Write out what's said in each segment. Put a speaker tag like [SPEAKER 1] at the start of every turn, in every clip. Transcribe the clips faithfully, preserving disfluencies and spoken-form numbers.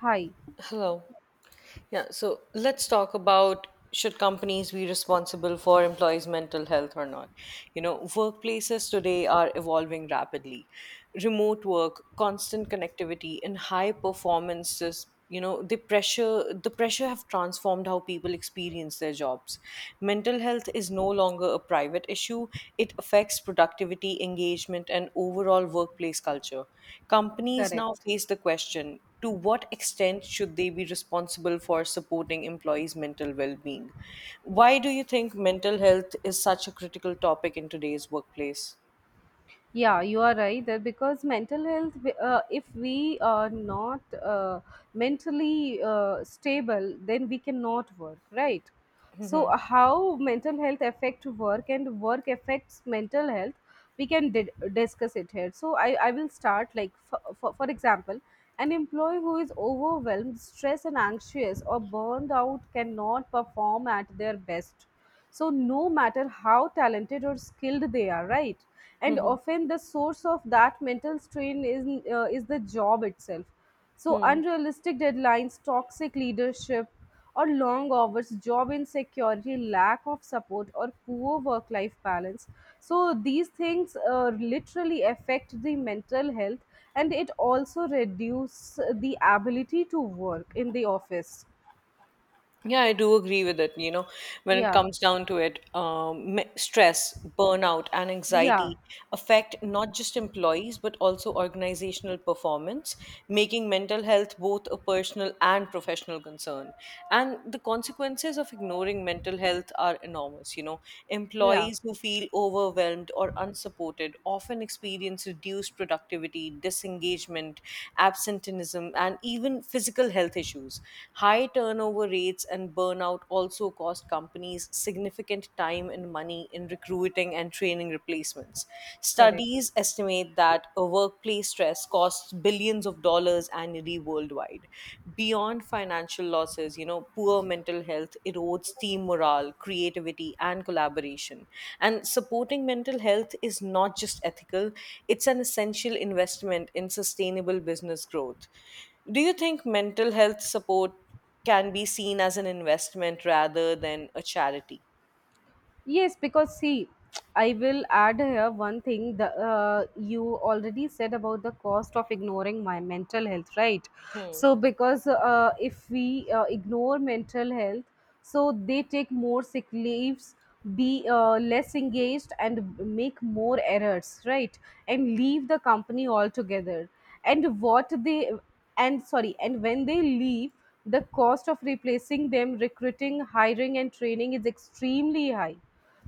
[SPEAKER 1] High,
[SPEAKER 2] Hello. Yeah, so let's talk about should companies be responsible for employees' mental health or not? You know, workplaces today are evolving rapidly. Remote work, constant connectivity, and high performances, you know, the pressure the pressure have transformed how people experience their jobs. Mental health is no longer a private issue. It affects productivity, engagement, and overall workplace culture. Companies now
[SPEAKER 1] correct.
[SPEAKER 2] face the question, to what extent should they be responsible for supporting employees' mental well being? Why do you think mental health is such a critical topic in today's workplace?
[SPEAKER 1] Yeah, you are right that because mental health, uh, if we are not uh, mentally uh, stable, then we cannot work, right? So, how mental health affect work and work affects mental health, we can di- discuss it here. So, I, I will start like for, for, for example, an employee who is overwhelmed, stressed, and anxious or burned out cannot perform at their best. So, no matter how talented or skilled they are, right? And
[SPEAKER 2] Mhm.
[SPEAKER 1] often the source of that mental strain is uh, is the job itself. So
[SPEAKER 2] Hmm.
[SPEAKER 1] unrealistic deadlines, toxic leadership, or long hours, job insecurity, lack of support, or poor work life balance. So these things uh, literally affect the mental health, and it also reduce the ability to work in the office.
[SPEAKER 2] Yeah, I do agree with it. You know, when it
[SPEAKER 1] Yeah.
[SPEAKER 2] comes down to it, um, me- stress, burnout, and
[SPEAKER 1] Yeah.
[SPEAKER 2] anxiety affect not just employees but also organizational performance, making mental health both a personal and professional concern. And the consequences of ignoring mental health are enormous. You know,
[SPEAKER 1] Yeah.
[SPEAKER 2] employees who feel overwhelmed or or unsupported often experience reduced productivity, disengagement, absenteeism, and even physical health issues. High turnover rates and burnout also cost companies significant time and money in recruiting and training replacements.
[SPEAKER 1] Correct.
[SPEAKER 2] Studies estimate that a workplace stress costs billions of dollars annually worldwide. Beyond financial losses, you know, poor mental health erodes team morale, creativity, and collaboration. And supporting mental health is not just ethical, it's an essential investment in sustainable business growth. Do you think mental health support can be seen as an investment rather than a charity?
[SPEAKER 1] Yes, because see, I will add here one thing that uh, you already said about the cost of ignoring my mental health, right?
[SPEAKER 2] Hmm.
[SPEAKER 1] So, because uh, if we uh, ignore mental health, so they take more sick leaves, be uh, less engaged, and make more errors, right? And leave the company altogether. And what they and sorry, and when they leave, the cost of replacing them, recruiting, hiring, and training is extremely high.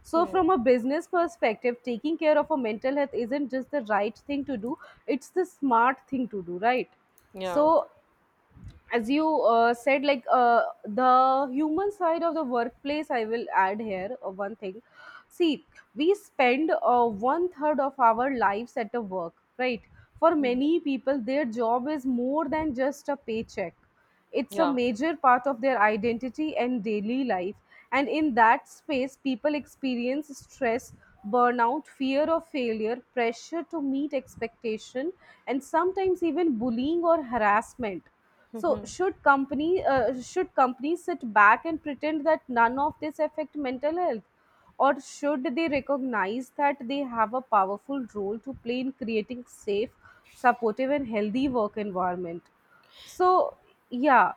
[SPEAKER 1] So,
[SPEAKER 2] Hmm.
[SPEAKER 1] from a business perspective, taking care of a mental health isn't just the right thing to do, it's the smart thing to do, right?
[SPEAKER 2] Yeah.
[SPEAKER 1] So, as you uh, said like uh, the human side of the workplace, I will add here uh, one thing. See, we spend uh, one third of our lives at a work, right? For many people their job is more than just a paycheck, it's a
[SPEAKER 2] Yeah.
[SPEAKER 1] major part of their identity and daily life. And in that space people experience stress, burnout, fear of failure, pressure to meet expectation, and sometimes even bullying or harassment. So should company uh, should companies sit back and pretend that none of this affect mental health, or should they recognize that they have a powerful role to play in creating safe, supportive, and healthy work environment? So yeah,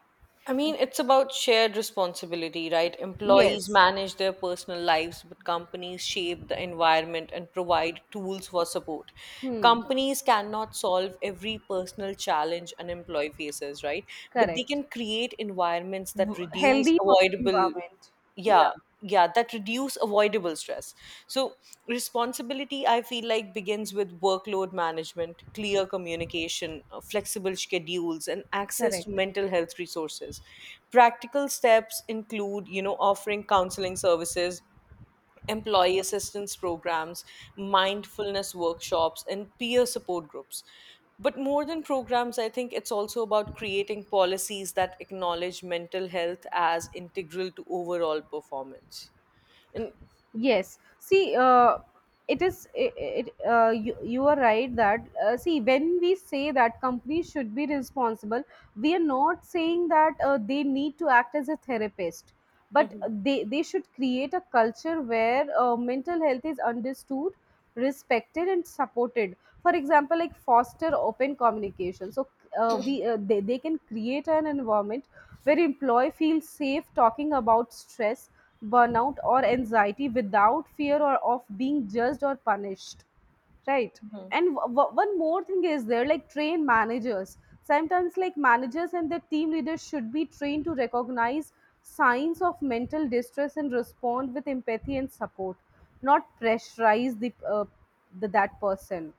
[SPEAKER 2] I mean, it's about shared responsibility, right? Employees
[SPEAKER 1] yes,
[SPEAKER 2] manage their personal lives, but companies shape the environment and provide tools for support.
[SPEAKER 1] hmm,
[SPEAKER 2] Companies cannot solve every personal challenge an employee faces, right? But they
[SPEAKER 1] correct.
[SPEAKER 2] can create environments that
[SPEAKER 1] W-
[SPEAKER 2] reduce
[SPEAKER 1] healthy work
[SPEAKER 2] avoidable,
[SPEAKER 1] environment. Yeah,
[SPEAKER 2] yeah, yeah, that reduce avoidable stress. So responsibility, I feel like, begins with workload management, clear communication, uh, flexible schedules, and access to
[SPEAKER 1] correct.
[SPEAKER 2] mental health resources. Practical steps include, you know, offering counseling services, employee assistance programs, mindfulness workshops, and peer support groups. But more than programs, I think it's also about creating policies that acknowledge mental health as integral to overall performance. And
[SPEAKER 1] Yes. See, uh, it is. It, it, uh, you you are right that uh, see when we say that companies should be responsible, we are not saying that uh, they need to act as a therapist, but
[SPEAKER 2] Mhm.
[SPEAKER 1] they they should create a culture where uh, mental health is understood, respected, and supported. For example, like foster open communication. So uh, we uh, they they can create an environment where employee feels safe talking about stress, burnout, or anxiety without fear or of being judged or punished, right?
[SPEAKER 2] Mhm.
[SPEAKER 1] And w- w- one more thing is there, like train managers. Sometimes like managers and their team leaders should be trained to recognize signs of mental distress and respond with empathy and support, not pressurize the, uh, the that person.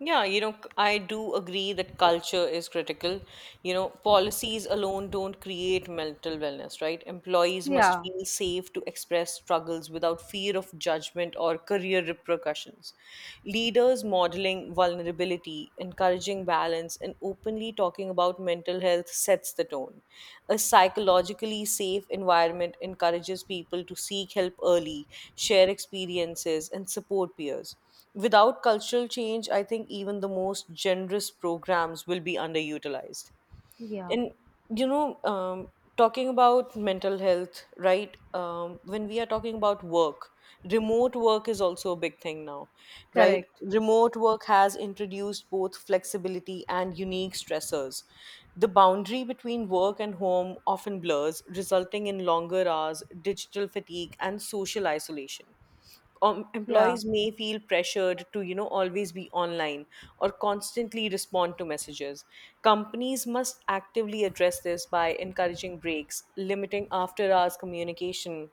[SPEAKER 2] Yeah, you know, c- I do agree that culture is critical. You know, policies alone don't create mental wellness, right? Employees must
[SPEAKER 1] Yeah.
[SPEAKER 2] feel safe to express struggles without fear of judgment or career repercussions. Leaders modeling vulnerability, encouraging balance, and openly talking about mental health sets the tone. A psychologically safe environment encourages people to seek help early, share experiences, and support peers. Without cultural change, I think even the most generous programs will be underutilized.
[SPEAKER 1] Yeah,
[SPEAKER 2] And, you know, um, talking about mental health, right? Um, when we are talking about work, remote work is also a big thing now, right?
[SPEAKER 1] correct.
[SPEAKER 2] Remote work has introduced both flexibility and unique stressors. The boundary between work and home often blurs, resulting in longer hours, digital fatigue, and social isolation. Um,
[SPEAKER 1] Yeah,
[SPEAKER 2] employees may feel pressured to, you know always be online or constantly respond to messages. Companies must actively address this by encouraging breaks, limiting after hours communication,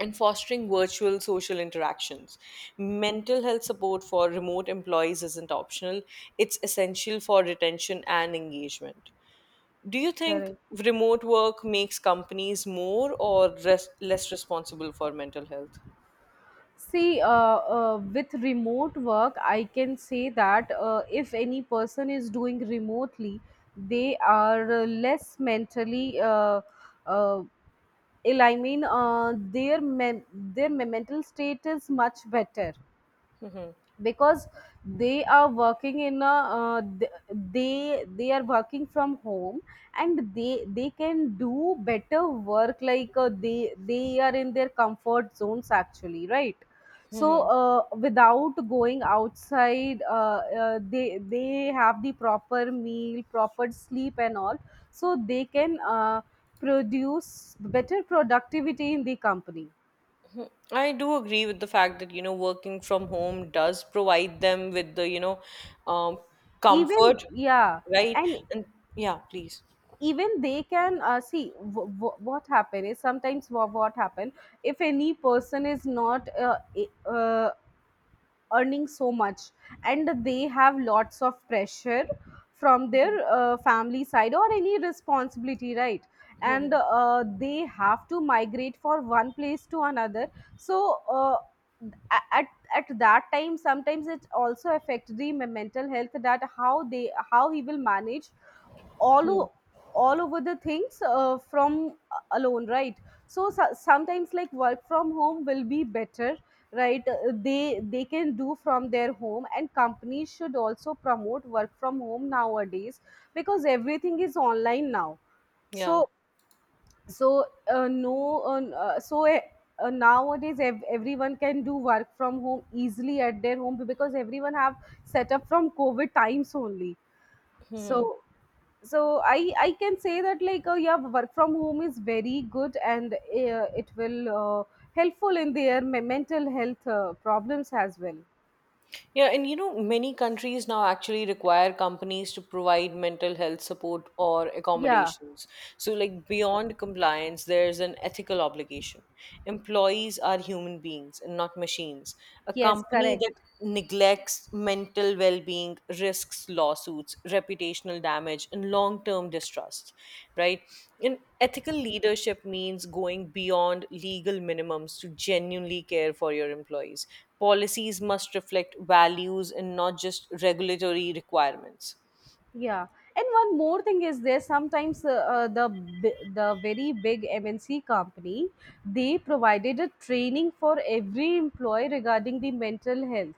[SPEAKER 2] and fostering virtual social interactions. Mental health support for remote employees isn't optional, it's essential for retention and engagement. Do you think
[SPEAKER 1] correct.
[SPEAKER 2] remote work makes companies more or res- less responsible for mental health?
[SPEAKER 1] See, uh, uh, with remote work, I can say that uh, if any person is doing remotely, they are uh, less mentally uh, uh, ill. I mean, uh, their men- their mental state is much better because they are working in a uh, th- they they are working from home, and they they can do better work like uh, they they are in their comfort zones actually, right? So
[SPEAKER 2] Hmm.
[SPEAKER 1] uh, without going outside uh, uh, they they have the proper meal, proper sleep, and all. So they can uh, produce better productivity in the company.
[SPEAKER 2] I do agree with the fact that, you know, working from home does provide them with the, you know, um,
[SPEAKER 1] Even
[SPEAKER 2] comfort,
[SPEAKER 1] yeah.
[SPEAKER 2] right?
[SPEAKER 1] And
[SPEAKER 2] And yeah, please.
[SPEAKER 1] even they can uh, see w- w- what happen is sometimes wha- what happen if any person is not uh, e- uh, earning so much, and they have lots of pressure from their uh, family side or any responsibility, right? And uh, they have to migrate for one place to another. So uh, a- at at that time sometimes it also affects the me- mental health, that how they how he will manage all o- all over the things uh, from uh, alone, right? So, so sometimes like work from home will be better, right? Uh, they they can do from their home and companies should also promote work from home nowadays because everything is online now. So
[SPEAKER 2] Yeah.
[SPEAKER 1] so uh, no uh, n- uh, so uh, uh, nowadays ev- everyone can do work from home easily at their home because everyone have set up from covid times only. So
[SPEAKER 2] Hmm.
[SPEAKER 1] so i i can say that like uh, yeah, work from home is very good and uh, it will uh, helpful in their me- mental health uh, problems as well.
[SPEAKER 2] Yeah, and you know, many countries now actually require companies to provide mental health support or
[SPEAKER 1] Yeah,
[SPEAKER 2] accommodations. So, like, beyond compliance, there's an ethical obligation. Employees are human beings and not machines. A
[SPEAKER 1] yes,
[SPEAKER 2] company that
[SPEAKER 1] correct.
[SPEAKER 2] neglects mental well being risks lawsuits, reputational damage, and long term distrust, right? And ethical leadership means going beyond legal minimums to genuinely care for your employees. Policies must reflect values and not just regulatory requirements.
[SPEAKER 1] Yeah, and one more thing is there. Sometimes uh, uh, the bi- the very big M N C company, they provided a training for every employee regarding the mental health,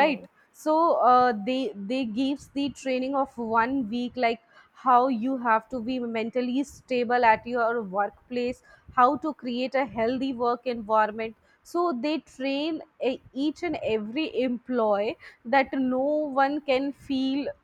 [SPEAKER 1] right? So uh, they they gives the training of one week, like how you have to be mentally stable at your workplace, how to create a healthy work environment. So they train uh, each and every employee that no one can feel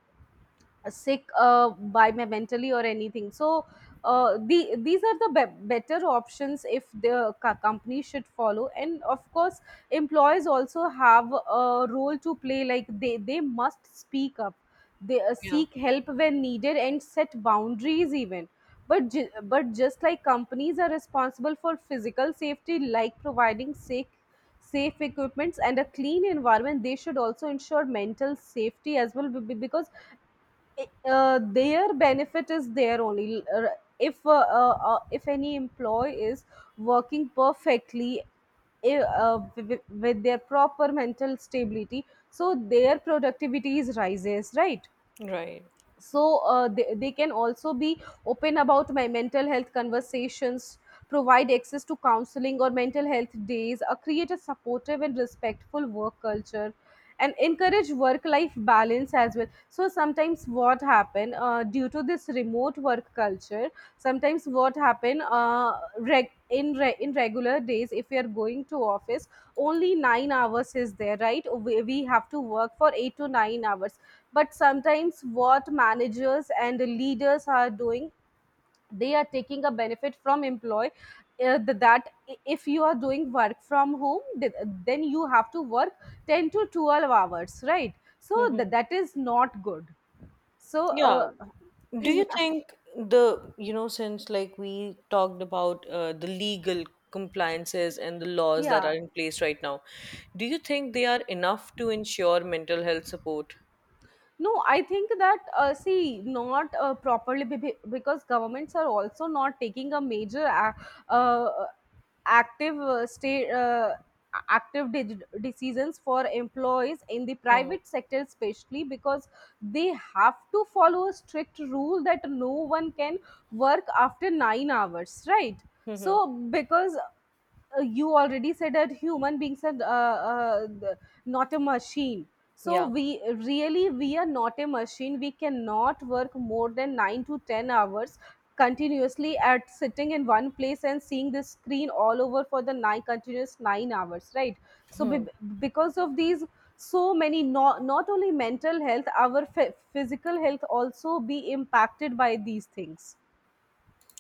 [SPEAKER 1] uh, sick uh, by my mentally or anything. So uh, the these are the be- better options if the co- company should follow. And of course employees also have a role to play, like they they must speak up, they uh,
[SPEAKER 2] Yeah.
[SPEAKER 1] seek help when needed and set boundaries even. But ju- but just like companies are responsible for physical safety, like providing safe safe equipments and a clean environment, they should also ensure mental safety as well, be- be- because uh, their benefit is there only. Uh, if uh, uh, uh, if any employee is working perfectly, i- uh, with, with their proper mental stability, so their productivity is rises, right?
[SPEAKER 2] Right.
[SPEAKER 1] So uh, they, they can also be open about my mental health conversations, provide access to counseling or mental health days, uh, create a supportive and respectful work culture, and encourage work life balance as well. So sometimes what happen uh, due to this remote work culture, sometimes what happen uh, reg- in re- in regular days if we are going to office, only nine hours is there, right? We, we have to work for eight to nine hours, but sometimes what managers and leaders are doing, they are taking a benefit from employee, uh, th- that i- if you are doing work from home, th- then you have to work ten to twelve hours, right? So th-
[SPEAKER 2] Hmm.
[SPEAKER 1] that is not good. So,
[SPEAKER 2] Yeah.
[SPEAKER 1] uh,
[SPEAKER 2] Do you think the, you know, since like we talked about uh, the legal compliances and the laws that
[SPEAKER 1] yeah.
[SPEAKER 2] are in place right now, do you think they are enough to ensure mental health support?
[SPEAKER 1] No, I think that uh, see, not uh, properly, be- be- because governments are also not taking a major ac- uh, active uh, state. Uh, active de- decisions for employees in the
[SPEAKER 2] Hmm.
[SPEAKER 1] private sector especially because they have to follow a strict rule that no one can work after nine hours, right?
[SPEAKER 2] Hmm.
[SPEAKER 1] So because uh, you already said that human beings are uh, uh, th- not a machine. So
[SPEAKER 2] Yeah.
[SPEAKER 1] we, really we are not a machine, we cannot work more than nine to ten hours continuously at sitting in one place and seeing the screen all over for the nine continuous nine hours, right? So be-
[SPEAKER 2] Hmm.
[SPEAKER 1] because of these, so many, not, not only mental health our phy- physical health also be impacted by these things.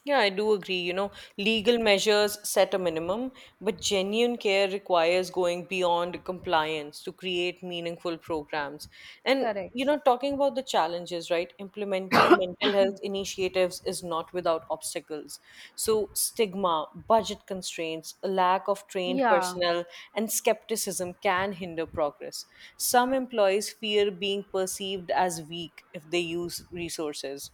[SPEAKER 2] Yeah, I do agree. You know, legal measures set a minimum, but genuine care requires going beyond compliance to create meaningful programs. And,
[SPEAKER 1] Correct.
[SPEAKER 2] you know, talking about the challenges, right? Implementing mental health initiatives is not without obstacles. So, stigma, budget constraints, a lack of trained
[SPEAKER 1] Yeah.
[SPEAKER 2] personnel, and skepticism can hinder progress. Some employees fear being perceived as weak if they use resources.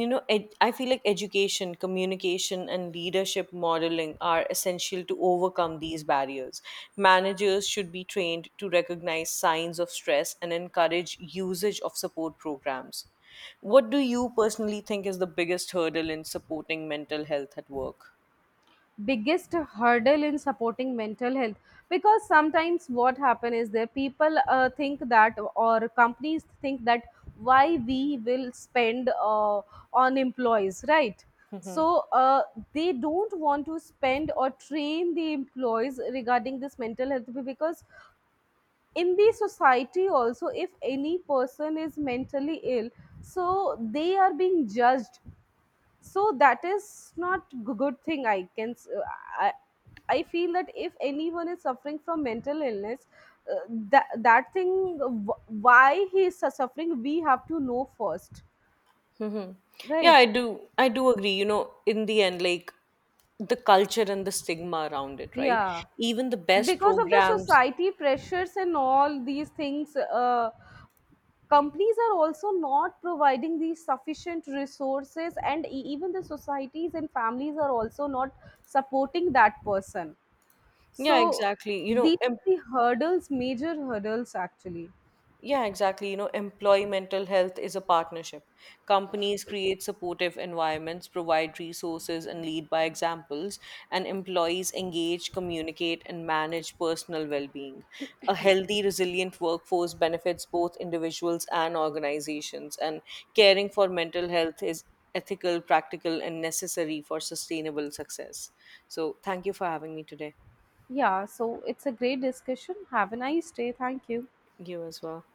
[SPEAKER 2] you know ed- I feel like education, communication, and leadership modeling are essential to overcome these barriers. Managers should be trained to recognize signs of stress and encourage usage of support programs. What do you personally think is the biggest hurdle in supporting mental health at work?
[SPEAKER 1] Biggest hurdle in supporting mental health, because sometimes what happen is that people uh, think that or companies think that why we will spend uh, on employees, right?
[SPEAKER 2] Mm-hmm.
[SPEAKER 1] So uh, they don't want to spend or train the employees regarding this mental health, because in the society also if any person is mentally ill, so they are being judged. So that is not g- good thing i can s- uh, I, I feel that if anyone is suffering from mental illness, uh, that that thing uh, wh- why he is su- suffering, we have to know first,
[SPEAKER 2] Mm-hmm. Yeah,
[SPEAKER 1] right?
[SPEAKER 2] I do. I do agree. You know, in the end, like, the culture and the stigma around it, right?
[SPEAKER 1] Yeah,
[SPEAKER 2] Even the best
[SPEAKER 1] because of the
[SPEAKER 2] programs.
[SPEAKER 1] society pressures and all these things, uh, companies are also not providing these sufficient resources, and e- even the societies and families are also not supporting that person. So
[SPEAKER 2] Yeah, exactly. You know,
[SPEAKER 1] these
[SPEAKER 2] em-
[SPEAKER 1] are the hurdles, major hurdles actually.
[SPEAKER 2] Yeah, exactly. You know, employee mental health is a partnership. Companies create supportive environments, provide resources, and lead by examples, and employees engage, communicate, and manage personal well being. A healthy, resilient workforce benefits both individuals and organizations, and caring for mental health is ethical, practical, and necessary for sustainable success. So, thank you for having me today.
[SPEAKER 1] Yeah, so it's a great discussion. Have a nice day. Thank you.
[SPEAKER 2] You as well.